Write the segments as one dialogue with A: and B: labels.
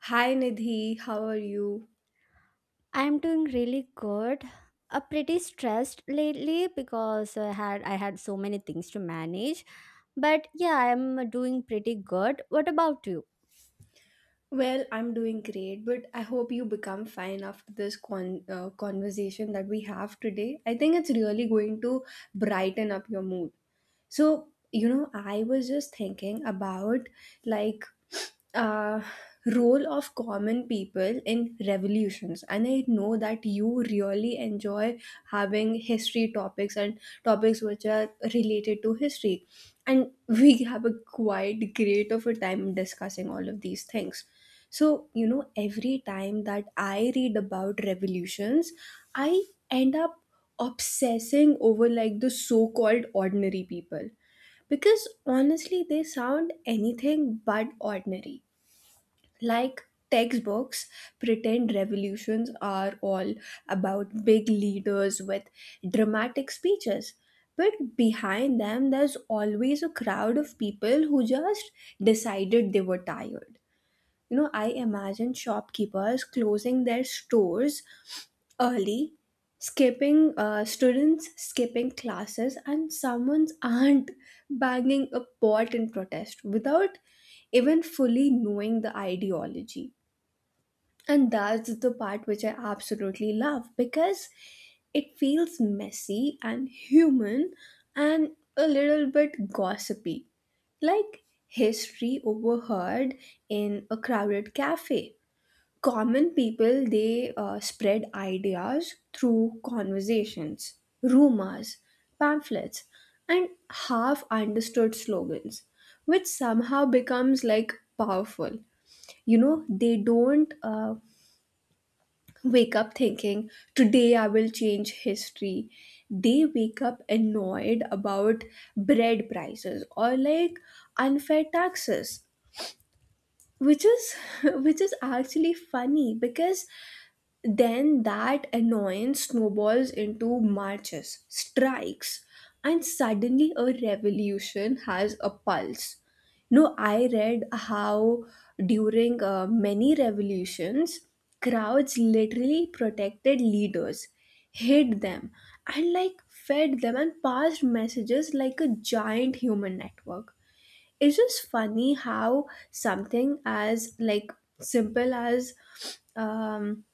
A: Hi Nidhi, how are you?
B: I'm doing really good. Pretty stressed lately because I had so many things to manage. But yeah, I'm doing pretty good. What about you?
A: Well, I'm doing great, but I hope you become fine after this conversation that we have today. I think it's really going to brighten up your mood. So, you know, I was just thinking about like uh role of common people in revolutions, and I know that you really enjoy having history topics and topics which are related to history, and we have a quite great of a time discussing all of these things. So, you know, every time that I read about revolutions, I end up obsessing over like the so-called ordinary people, because honestly they sound anything but ordinary. Like, textbooks pretend revolutions are all about big leaders with dramatic speeches, but behind them there's always a crowd of people who just decided they were tired. You know, I imagine shopkeepers closing their stores early, skipping students, skipping classes, and someone's aunt banging a pot in protest without even fully knowing the ideology. And that's the part which I absolutely love, because it feels messy and human and a little bit gossipy, like history overheard in a crowded cafe. Common people, they spread ideas through conversations, rumors, pamphlets, and half understood slogans, which somehow becomes like powerful. You know, they don't. Wake up thinking, today I will change history. They wake up annoyed about bread prices, or like unfair taxes, which is which is actually funny, because then that annoyance snowballs into marches, strikes, and suddenly a revolution has a pulse. No, I read how during many revolutions, crowds literally protected leaders, hid them, and like fed them and passed messages like a giant human network. It's just funny how something as like simple as um,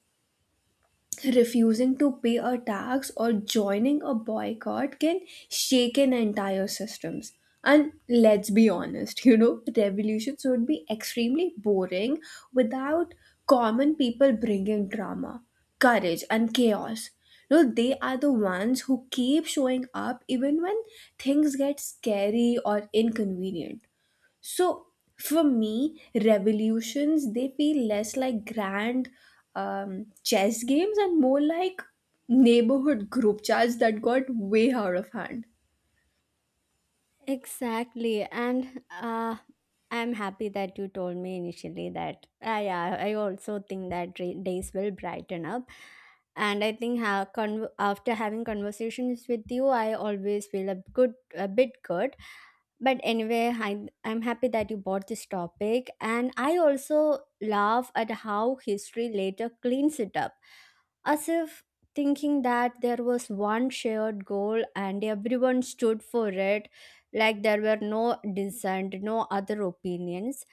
A: refusing to pay a tax or joining a boycott can shake an entire systems. And let's be honest, you know, revolutions would be extremely boring without common people bringing drama, courage, and chaos. No, they are the ones who keep showing up even when things get scary or inconvenient. So for me, revolutions, they feel less like grand chess games and more like neighborhood group chats that got way out of hand.
B: Exactly, and I'm happy that you told me initially that. Yeah, I also think that days will brighten up, and I think after having conversations with you, I always feel a bit good. But anyway, I'm happy that you bought this topic, and I also laugh at how history later cleans it up, as if thinking that there was one shared goal and everyone stood for it, like there were no dissent, no other opinions.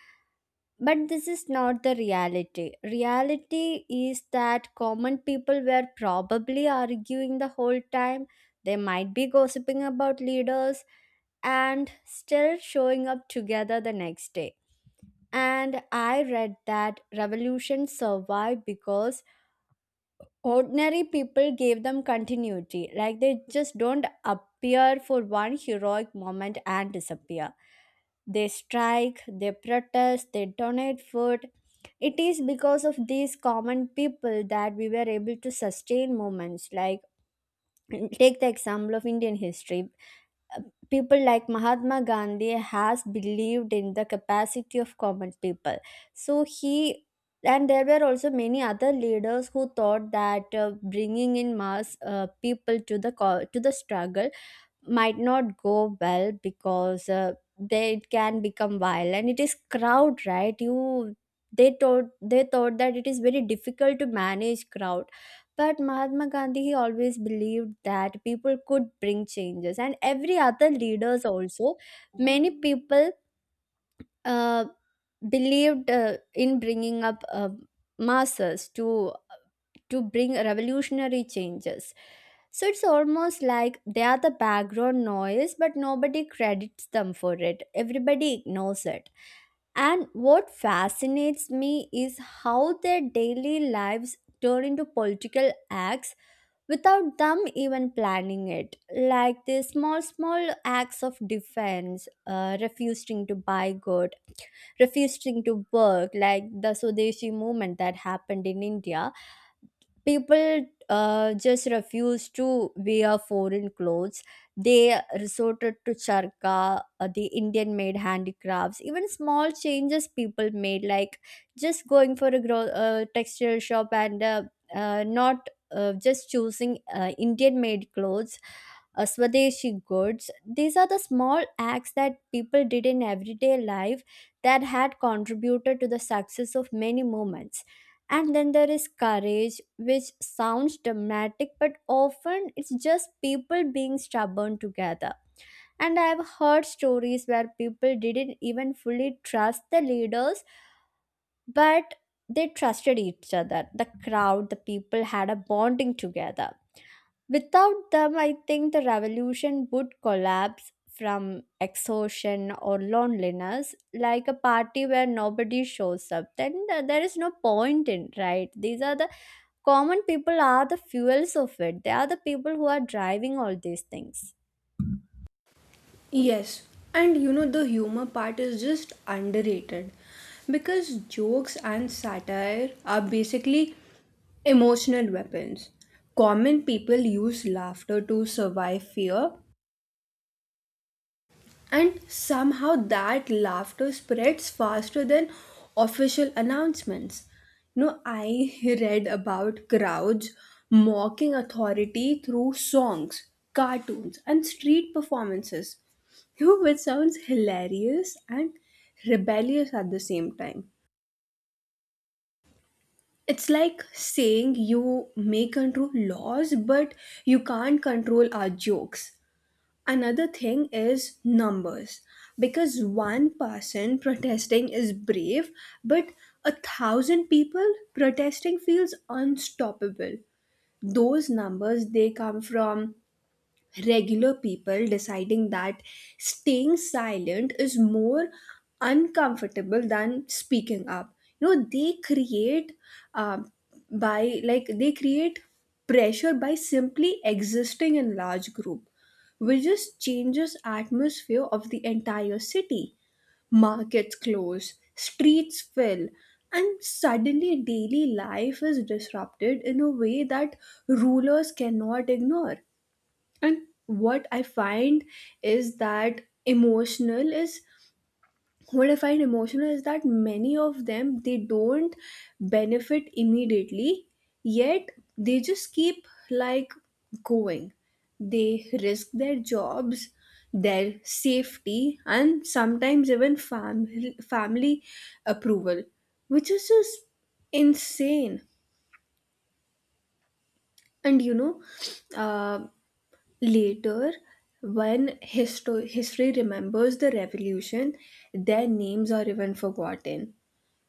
B: But this is not the reality. Is that common people were probably arguing the whole time. They might be gossiping about leaders and still showing up together the next day. And I read that revolutions survive because ordinary people gave them continuity. Like, they just don't appear for one heroic moment and disappear. They strike, they protest, they donate food. It is because of these common people that we were able to sustain movements. Like, take the example of Indian history. People like Mahatma Gandhi has believed in the capacity of common people, so he, and there were also many other leaders who thought that bringing in mass people to the struggle might not go well, because they, it can become violent, it is crowd, right? You, they thought that it is very difficult to manage crowd. But Mahatma Gandhi, he always believed that people could bring changes, and every other leaders also, many people, uh, believed in bringing up masses to bring revolutionary changes. So it's almost like they are the background noise, but nobody credits them for it. Everybody ignores it. And what fascinates me is how their daily lives turn into political acts without them even planning it. Like the small, small acts of defense, refusing to buy goods, refusing to work, like the Swadeshi movement that happened in India. People just refused to wear foreign clothes. They resorted to charka, the Indian made handicrafts. Even small changes people made, like just going for a textile shop and not just choosing Indian made clothes, Swadeshi goods. These are the small acts that people did in everyday life that had contributed to the success of many movements. And then there is courage, which sounds dramatic, but often it's just people being stubborn together. And I've heard stories where people didn't even fully trust the leaders, but they trusted each other. The crowd, the people had a bonding together. Without them, I think the revolution would collapse from exhaustion or loneliness, like a party where nobody shows up. Then there is no point in, right? These are the, common people are the fuels of it. They are the people who are driving all these things.
A: Yes, and you know the humor part is just underrated, because jokes and satire are basically emotional weapons. Common people use laughter to survive fear, and somehow that laughter spreads faster than official announcements. No, I read about crowds mocking authority through songs, cartoons, and street performances. You know, which sounds hilarious and rebellious at the same time. It's like saying, you may control laws, but you can't control our jokes. Another thing is numbers. Because one person protesting is brave, but a thousand people protesting feels unstoppable. Those numbers, they come from regular people deciding that staying silent is more uncomfortable than speaking up. You know, they create um, by like they create pressure by simply existing in large group, which just changes atmosphere of the entire city. Markets close, streets fill, and suddenly daily life is disrupted in a way that rulers cannot ignore. And is that emotional is what I find emotional is that many of them, they don't benefit immediately, yet they just keep like going. They risk their jobs, their safety, and sometimes even family approval, which is just insane. And you know, uh, later, when history remembers the revolution, their names are even forgotten.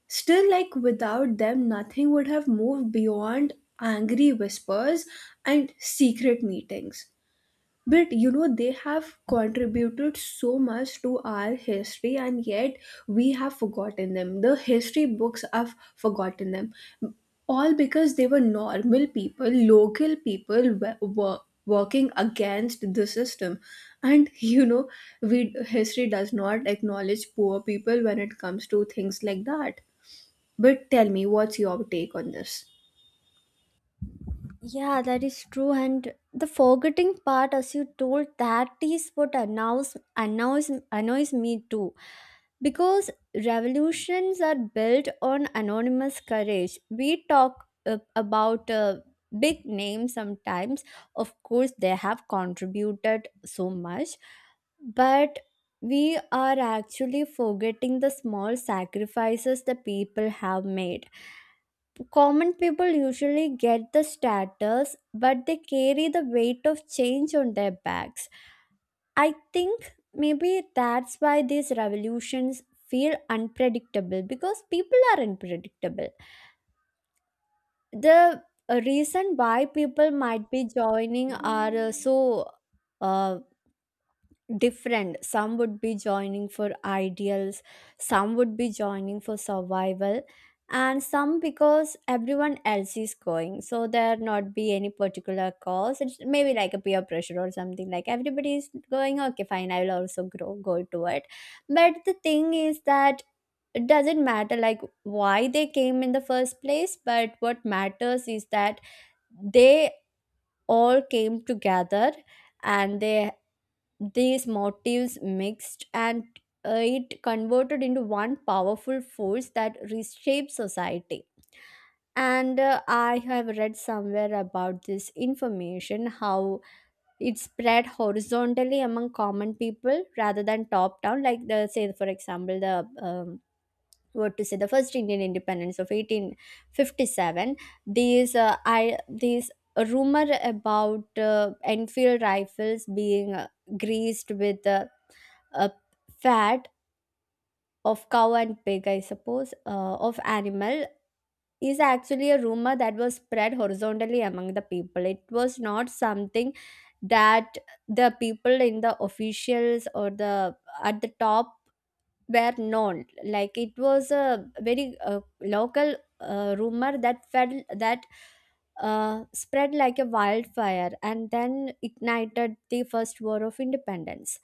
A: Still, like without them, nothing would have moved beyond angry whispers and secret meetings. But you know, they have contributed so much to our history, and yet we have forgotten them. The history books have forgotten them. All because they were normal people, local people were working against the system. And you know, we history does not acknowledge poor people when it comes to things like that. But tell me, what's your take on this?
B: Yeah, that is true. And the forgetting part, as you told, that is what annoys me too, because revolutions are built on anonymous courage. We talk about big names sometimes. Of course, they have contributed so much, but we are actually forgetting the small sacrifices the people have made. Common people usually get the status, but they carry the weight of change on their backs. I think maybe that's why these revolutions feel unpredictable, because people are unpredictable. The reason why people might be joining are so. Uh, Different, some would be joining for ideals, some would be joining for survival, and some because everyone else is going. So there not be any particular cause. It's maybe like a peer pressure or something, like everybody is going, okay, fine, I will also grow go to it. But the thing is that it doesn't matter like why they came in the first place, but what matters is that they all came together, and they, these motives mixed and it converted into one powerful force that reshaped society. And I have read somewhere about this information, how it spread horizontally among common people rather than top down. Like, the say for example, the um, what to say, the first Indian independence of 1857. These I these rumor about Enfield rifles being greased with uh, fat of cow and pig, I suppose, of animal, is actually a rumor that was spread horizontally among the people. It was not something that the people in the officials or the at the top were known. Like, it was a very local rumor that fed that spread like a wildfire and then ignited the first war of independence.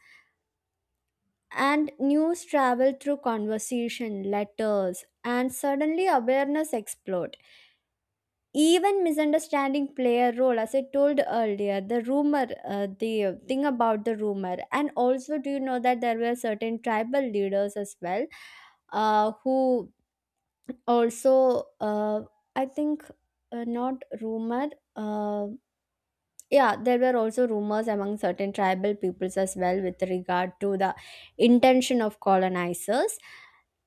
B: And news traveled through conversation, letters, and suddenly awareness exploded. Even misunderstanding play a role, as I told earlier. The rumor, the thing about the rumor, and also, do you know that there were certain tribal leaders as well, who also, I think, not rumor. Uh, yeah, there were also rumors among certain tribal peoples as well, with regard to the intention of colonizers,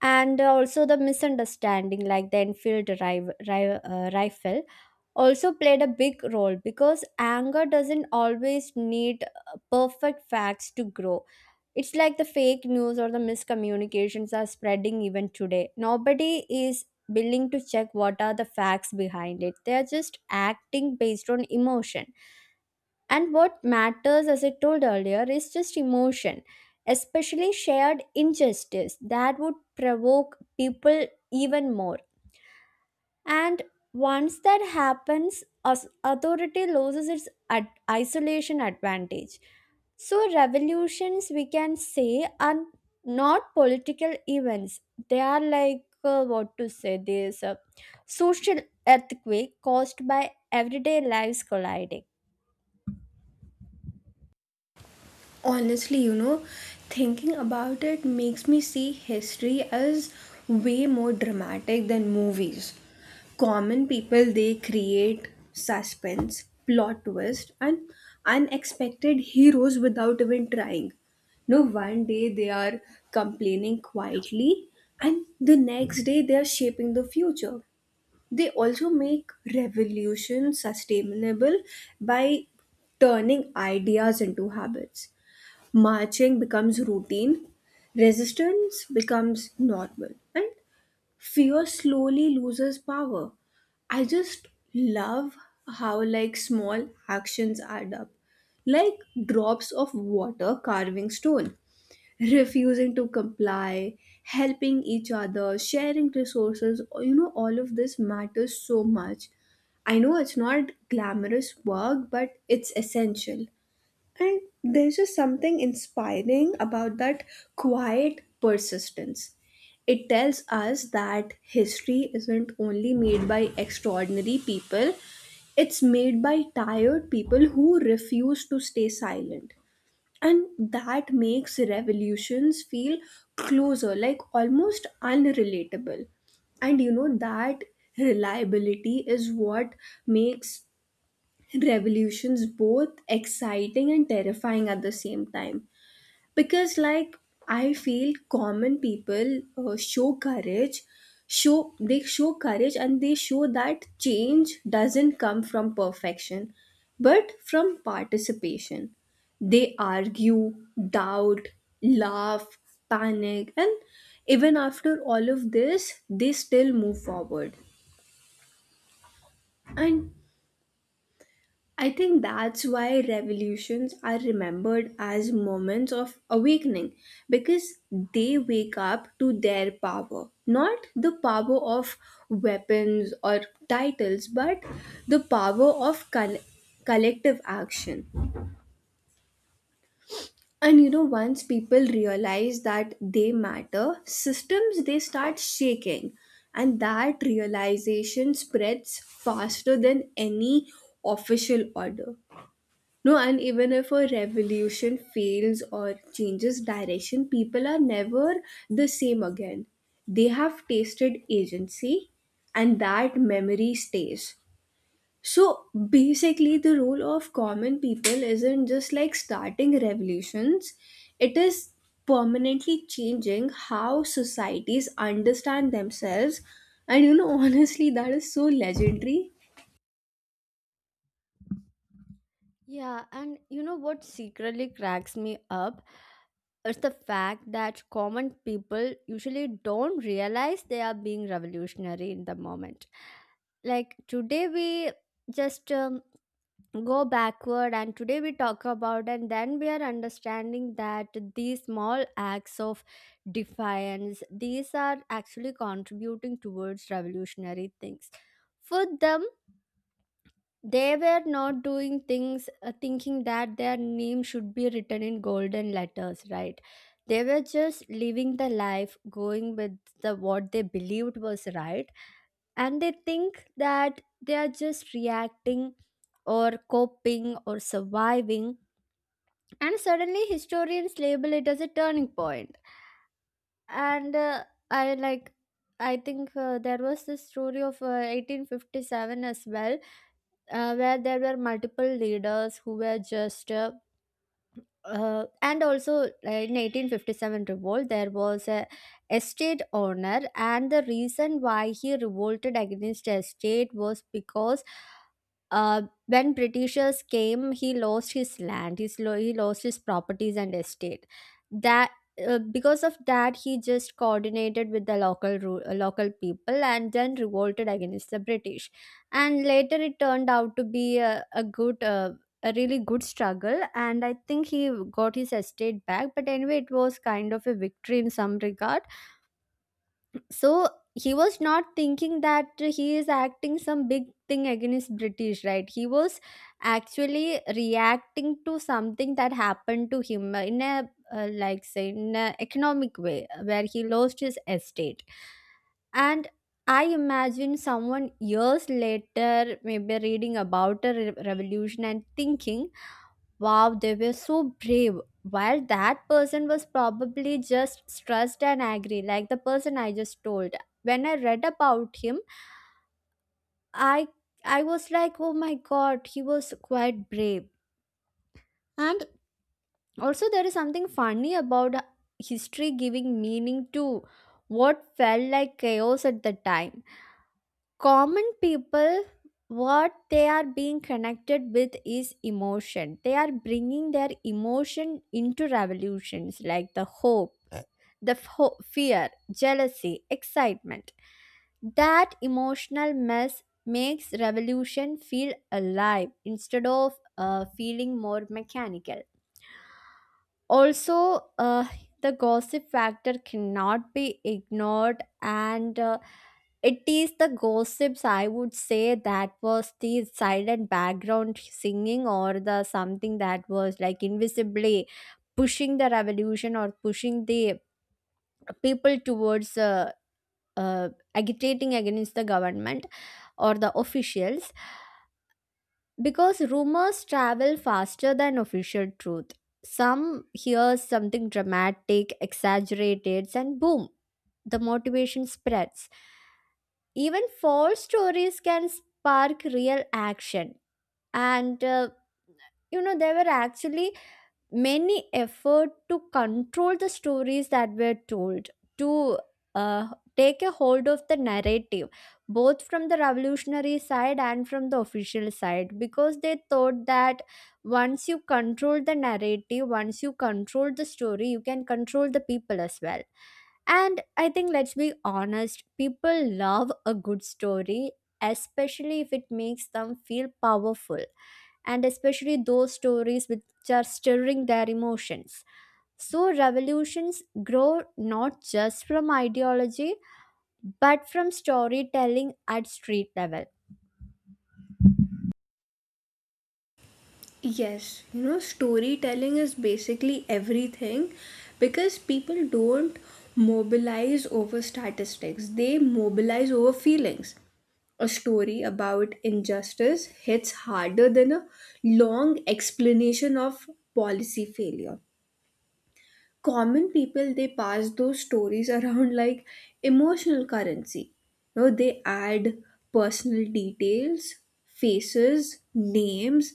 B: and also the misunderstanding like the rifle also played a big role, because anger doesn't always need perfect facts to grow. It's like the fake news or the miscommunications are spreading even today. Nobody is willing to check what are the facts behind it. They are just acting based on emotion. And what matters, as I told earlier, is just emotion, especially shared injustice that would provoke people even more. And once that happens, authority loses its isolation advantage. So, revolutions, we can say, are not political events. They are like, what to say, this social earthquake caused by everyday lives colliding.
A: Honestly, you know, thinking about it makes me see history as way more dramatic than movies. Common people, they create suspense, plot twist, and unexpected heroes without even trying. No, one day they are complaining quietly, and the next day they are shaping the future. They also make revolution sustainable by turning ideas into habits. Marching becomes routine, resistance becomes normal, and fear slowly loses power. I just love how like small actions add up, like drops of water carving stone, refusing to comply, helping each other, sharing resources. You know, all of this matters so much. I know it's not glamorous work, but it's essential. And there's just something inspiring about that quiet persistence. It tells us that history isn't only made by extraordinary people, it's made by tired people who refuse to stay silent. And that makes revolutions feel closer, like almost unrelatable. And you know, that reliability is what makes revolutions both exciting and terrifying at the same time, because like I feel common people show courage show they show courage, and they show that change doesn't come from perfection but from participation. They argue, doubt, laugh, panic, and even after all of this they still move forward. And I think that's why revolutions are remembered as moments of awakening, because they wake up to their power, not the power of weapons or titles, but the power of collective action. And you know, once people realize that they matter, systems, they start shaking, and that realization spreads faster than any official order. No, and even if a revolution fails or changes direction, people are never the same again. They have tasted agency, and that memory stays. So basically, the role of common people isn't just like starting revolutions, it is permanently changing how societies understand themselves. And you know, honestly, that is so legendary.
B: Yeah, and you know what secretly cracks me up is the fact that common people usually don't realize they are being revolutionary in the moment. Like, today we just go backward, and today we talk about, and then we are understanding that these small acts of defiance, these are actually contributing towards revolutionary things. For them, they were not doing things thinking that their name should be written in golden letters, right? They were just living the life, going with the what they believed was right. And they think that they are just reacting or coping or surviving, and suddenly historians label it as a turning point. And i like I think there was this story of 1857 as well, where there were multiple leaders who were just and also in 1857 revolt, there was a estate owner, and the reason why he revolted against the estate was because uh, when britishers came, he lost his land, his he lost his properties and estate. That, because of that, he just coordinated with the local people and then revolted against the british. And later, it turned out to be a good a really good struggle, and I think he got his estate back. But anyway, it was kind of a victory in some regard. So he was not thinking that he is acting some big thing against british, right? He was actually reacting to something that happened to him, in a, like say, in a economic way where he lost his estate. And I imagine someone years later maybe reading about a revolution and thinking, wow, they were so brave. While that person was probably just stressed and angry, like the person I just told. When I read about him, I I was like, oh my god, he was quite brave. And also there is something funny about history giving meaning to what felt like chaos at the time. Common people, what they are being connected with is emotion. They are bringing their emotion into revolutions, like the hope, the fear, jealousy, excitement. That emotional mess makes revolution feel alive instead of feeling more mechanical. Also the gossip factor cannot be ignored. And it is the gossips, I would say, that was the silent background singing or the something that was like invisibly pushing the revolution or pushing the people towards agitating against the government or the officials, because rumors travel faster than official truth. Some hears something dramatic, exaggerated, and boom, the motivation spreads. Even false stories can spark real action. And uh, there were actually many effort to control the stories that were told to uh, take a hold of the narrative both from the revolutionary side and from the official side, because they thought that once you control the narrative, once you control the story, you can control the people as well. And I think, let's be honest, people love a good story, especially if it makes them feel powerful, and especially those stories which are stirring their emotions. So, revolutions grow not just from ideology but from storytelling at street level.
A: Yes, you know, storytelling is basically everything, because people don't mobilize over statistics, they mobilize over feelings. A story about injustice hits harder than a long explanation of policy failure. Common people, they pass those stories around like emotional currency. You know, they add personal details, faces, names,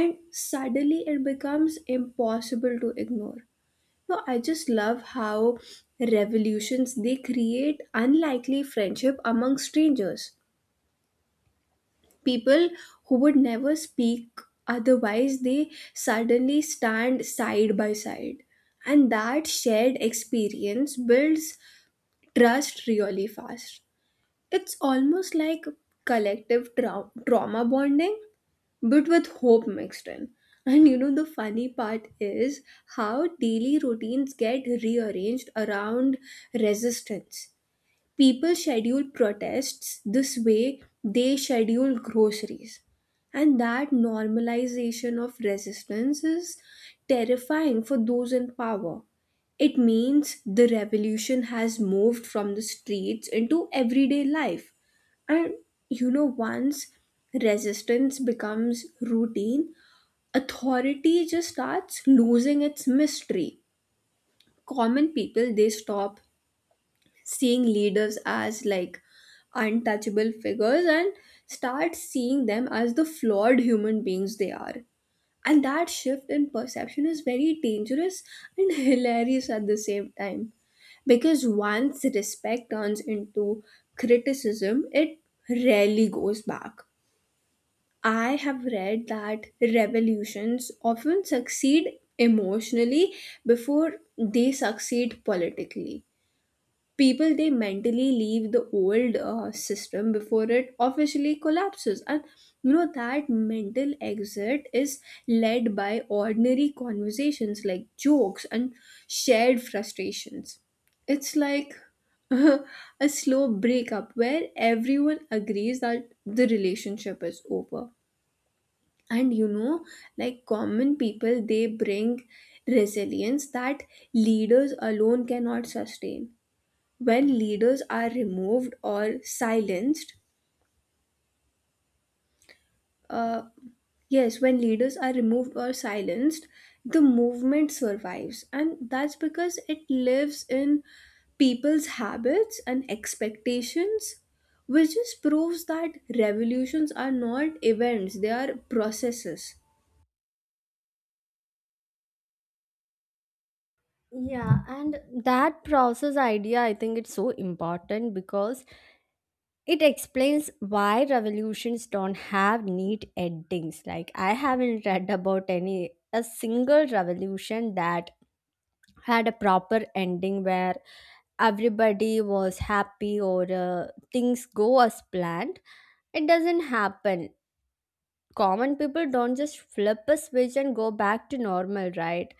A: and suddenly it becomes impossible to ignore. No, I just love how revolutions, they create unlikely friendship among strangers. People who would never speak otherwise, they suddenly stand side by side, and that shared experience builds trust really fast. It's almost like collective trauma bonding, but with hope mixed in. And you know the funny part is how daily routines get rearranged around resistance. People schedule protests this way they schedule groceries. And that normalization of resistance is terrifying for those in power. It means the revolution has moved from the streets into everyday life. And you know, once resistance becomes routine, authority just starts losing its mystery. Common people, they stop seeing leaders as like untouchable figures and start seeing them as the flawed human beings they are. And that shift in perception is very dangerous and hilarious at the same time. Because once respect turns into criticism, it rarely goes back. I have read that revolutions often succeed emotionally before they succeed politically. People, they mentally leave the old system before it officially collapses. And you know, that mental exit is led by ordinary conversations like jokes and shared frustrations. It's like a slow breakup where everyone agrees that the relationship is over. And you know, like common people, they bring resilience that leaders alone cannot sustain. when leaders are removed or silenced uh, yes when leaders are removed or silenced, the movement survives, and that's because it lives in people's habits and expectations, which just proves that revolutions are not events, they are processes.
B: Yeah, and that process idea, I think it's so important because it explains why revolutions don't have neat endings. Like, I haven't read about any a single revolution that had a proper ending where everybody was happy or things go as planned. It doesn't happen. Common people don't just flip a switch and go back to normal, right?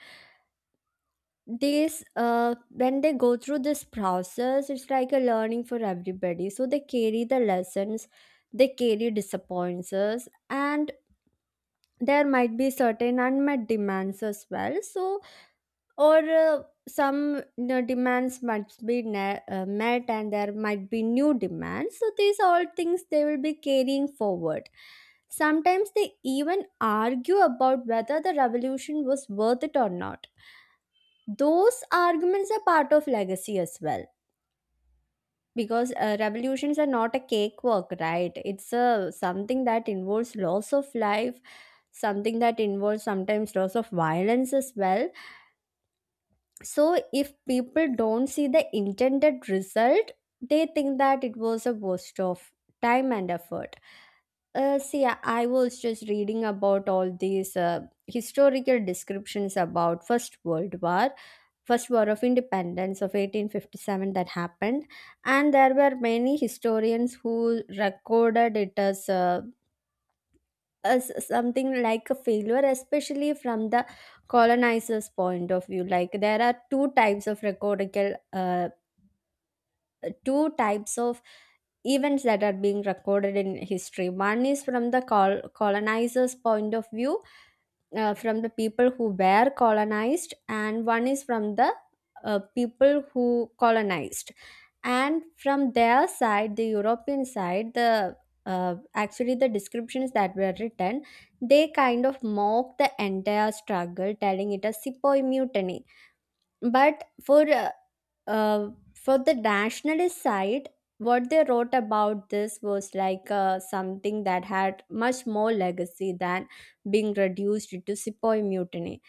B: These when they go through this process, it's like a learning for everybody, so they carry the lessons, they carry disappointments, and there might be certain unmet demands as well. So, or some demands must be met, and there might be new demands, so these all things they will be carrying forward. Sometimes they even argue about whether the revolution was worth it or not. Those arguments are part of legacy as well, because revolutions are not a cake work, right? It's a something that involves loss of life, something that involves sometimes loss of violence as well. So if people don't see the intended result, they think that it was a waste of time and effort. See, I was just reading about all these historical descriptions about first world war, first war of independence of 1857 that happened, and there were many historians who recorded it as something like a failure, especially from the colonizers point of view. Like, there are two types of recordable two types of events that are being recorded in history. One is from the colonizers point of view, from the people who were colonized, and one is from the people who colonized. And from their side, the european side, the uh, actually the descriptions that were written, they kind of mock the entire struggle, telling it a sepoy mutiny. But uh, for the nationalist side, what they wrote about this was like something that had much more legacy than being reduced to Sepoy mutiny.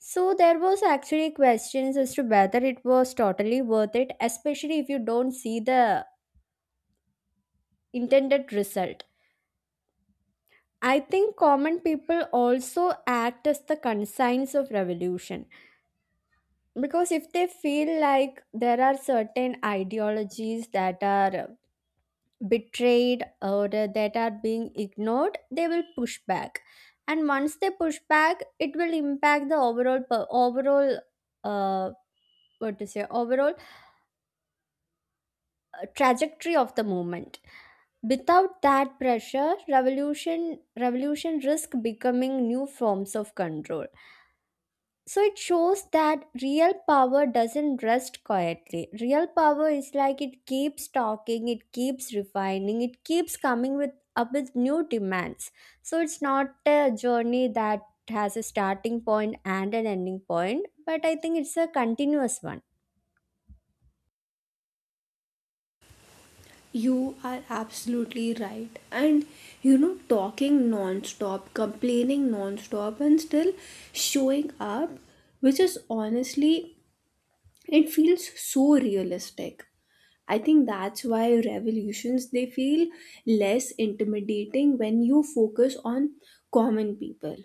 B: So there was actually questions as to whether it was totally worth it, especially if you don't see the intended result. I think common people also act as the conscience of revolution, because if they feel like there are certain ideologies that are betrayed or that are being ignored, they will push back. And once they push back, it will impact the overall uh, what to say overall trajectory of the movement. Without that pressure, revolution risk becoming new forms of control. So it shows that real power doesn't rest quietly. Real power is like, it keeps talking, it keeps refining, it keeps coming with up with new demands. So it's not a journey that has a starting point and an ending point, but I think it's a continuous one.
A: You are absolutely right. And you know, talking non-stop, complaining non-stop, and still showing up, which is honestly, it feels so realistic. I think that's why revolutions, they feel less intimidating when you focus on common people.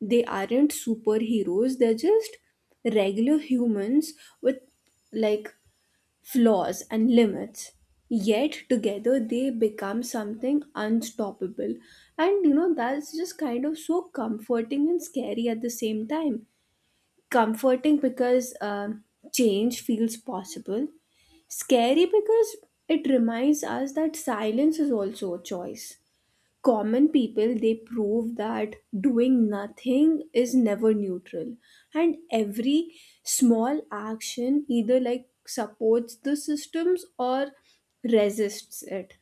A: They aren't superheroes, they're just regular humans with like flaws and limits, yet together they become something unstoppable. And you know, that's just kind of so comforting and scary at the same time. Comforting because change feels possible, scary because it reminds us that silence is also a choice. Common people, they prove that doing nothing is never neutral, and every small action either like supports the systems or resists it.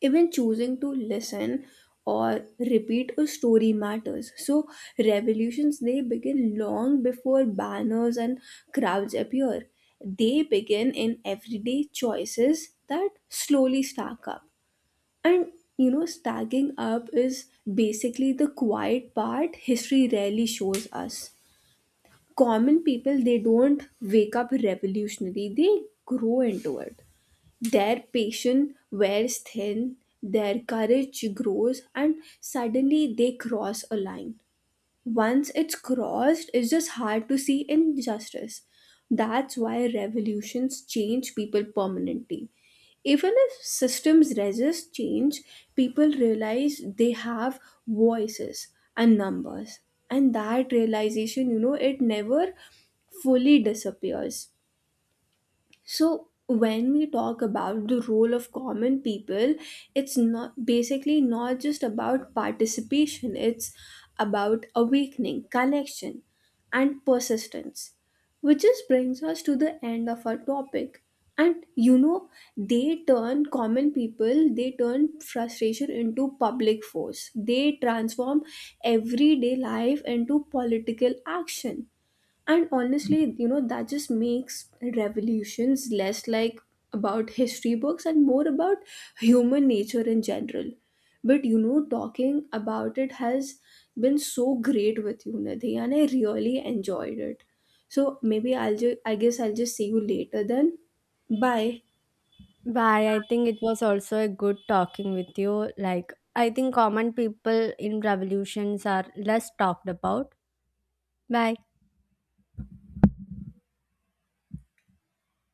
A: Even choosing to listen or repeat a story matters. So revolutions, they begin long before banners and crowds appear. They begin in everyday choices that slowly stack up. And you know, stacking up is basically the quiet part history rarely shows us. Common people, they don't wake up revolutionary, they grow into it. Their patience wears thin, their courage grows, and suddenly they cross a line. Once it's crossed, it's just hard to see injustice. That's why revolutions change people permanently. Even if systems resist change, people realize they have voices and numbers. And that realization, you know, it never fully disappears. So when we talk about the role of common people, it's not basically not just about participation, it's about awakening, connection, and persistence. Which just brings us to the end of our topic. And you know, they turn common people, they turn frustration into public force. They transform everyday life into political action. And honestly, you know, that just makes revolutions less like about history books and more about human nature in general. But you know, talking about it has been so great with you, Nidhi, and I really enjoyed it. So maybe I guess I'll just see you later then. Bye.
B: Bye. I think it was also a good talking with you. Like, I think common people in revolutions are less talked about. Bye.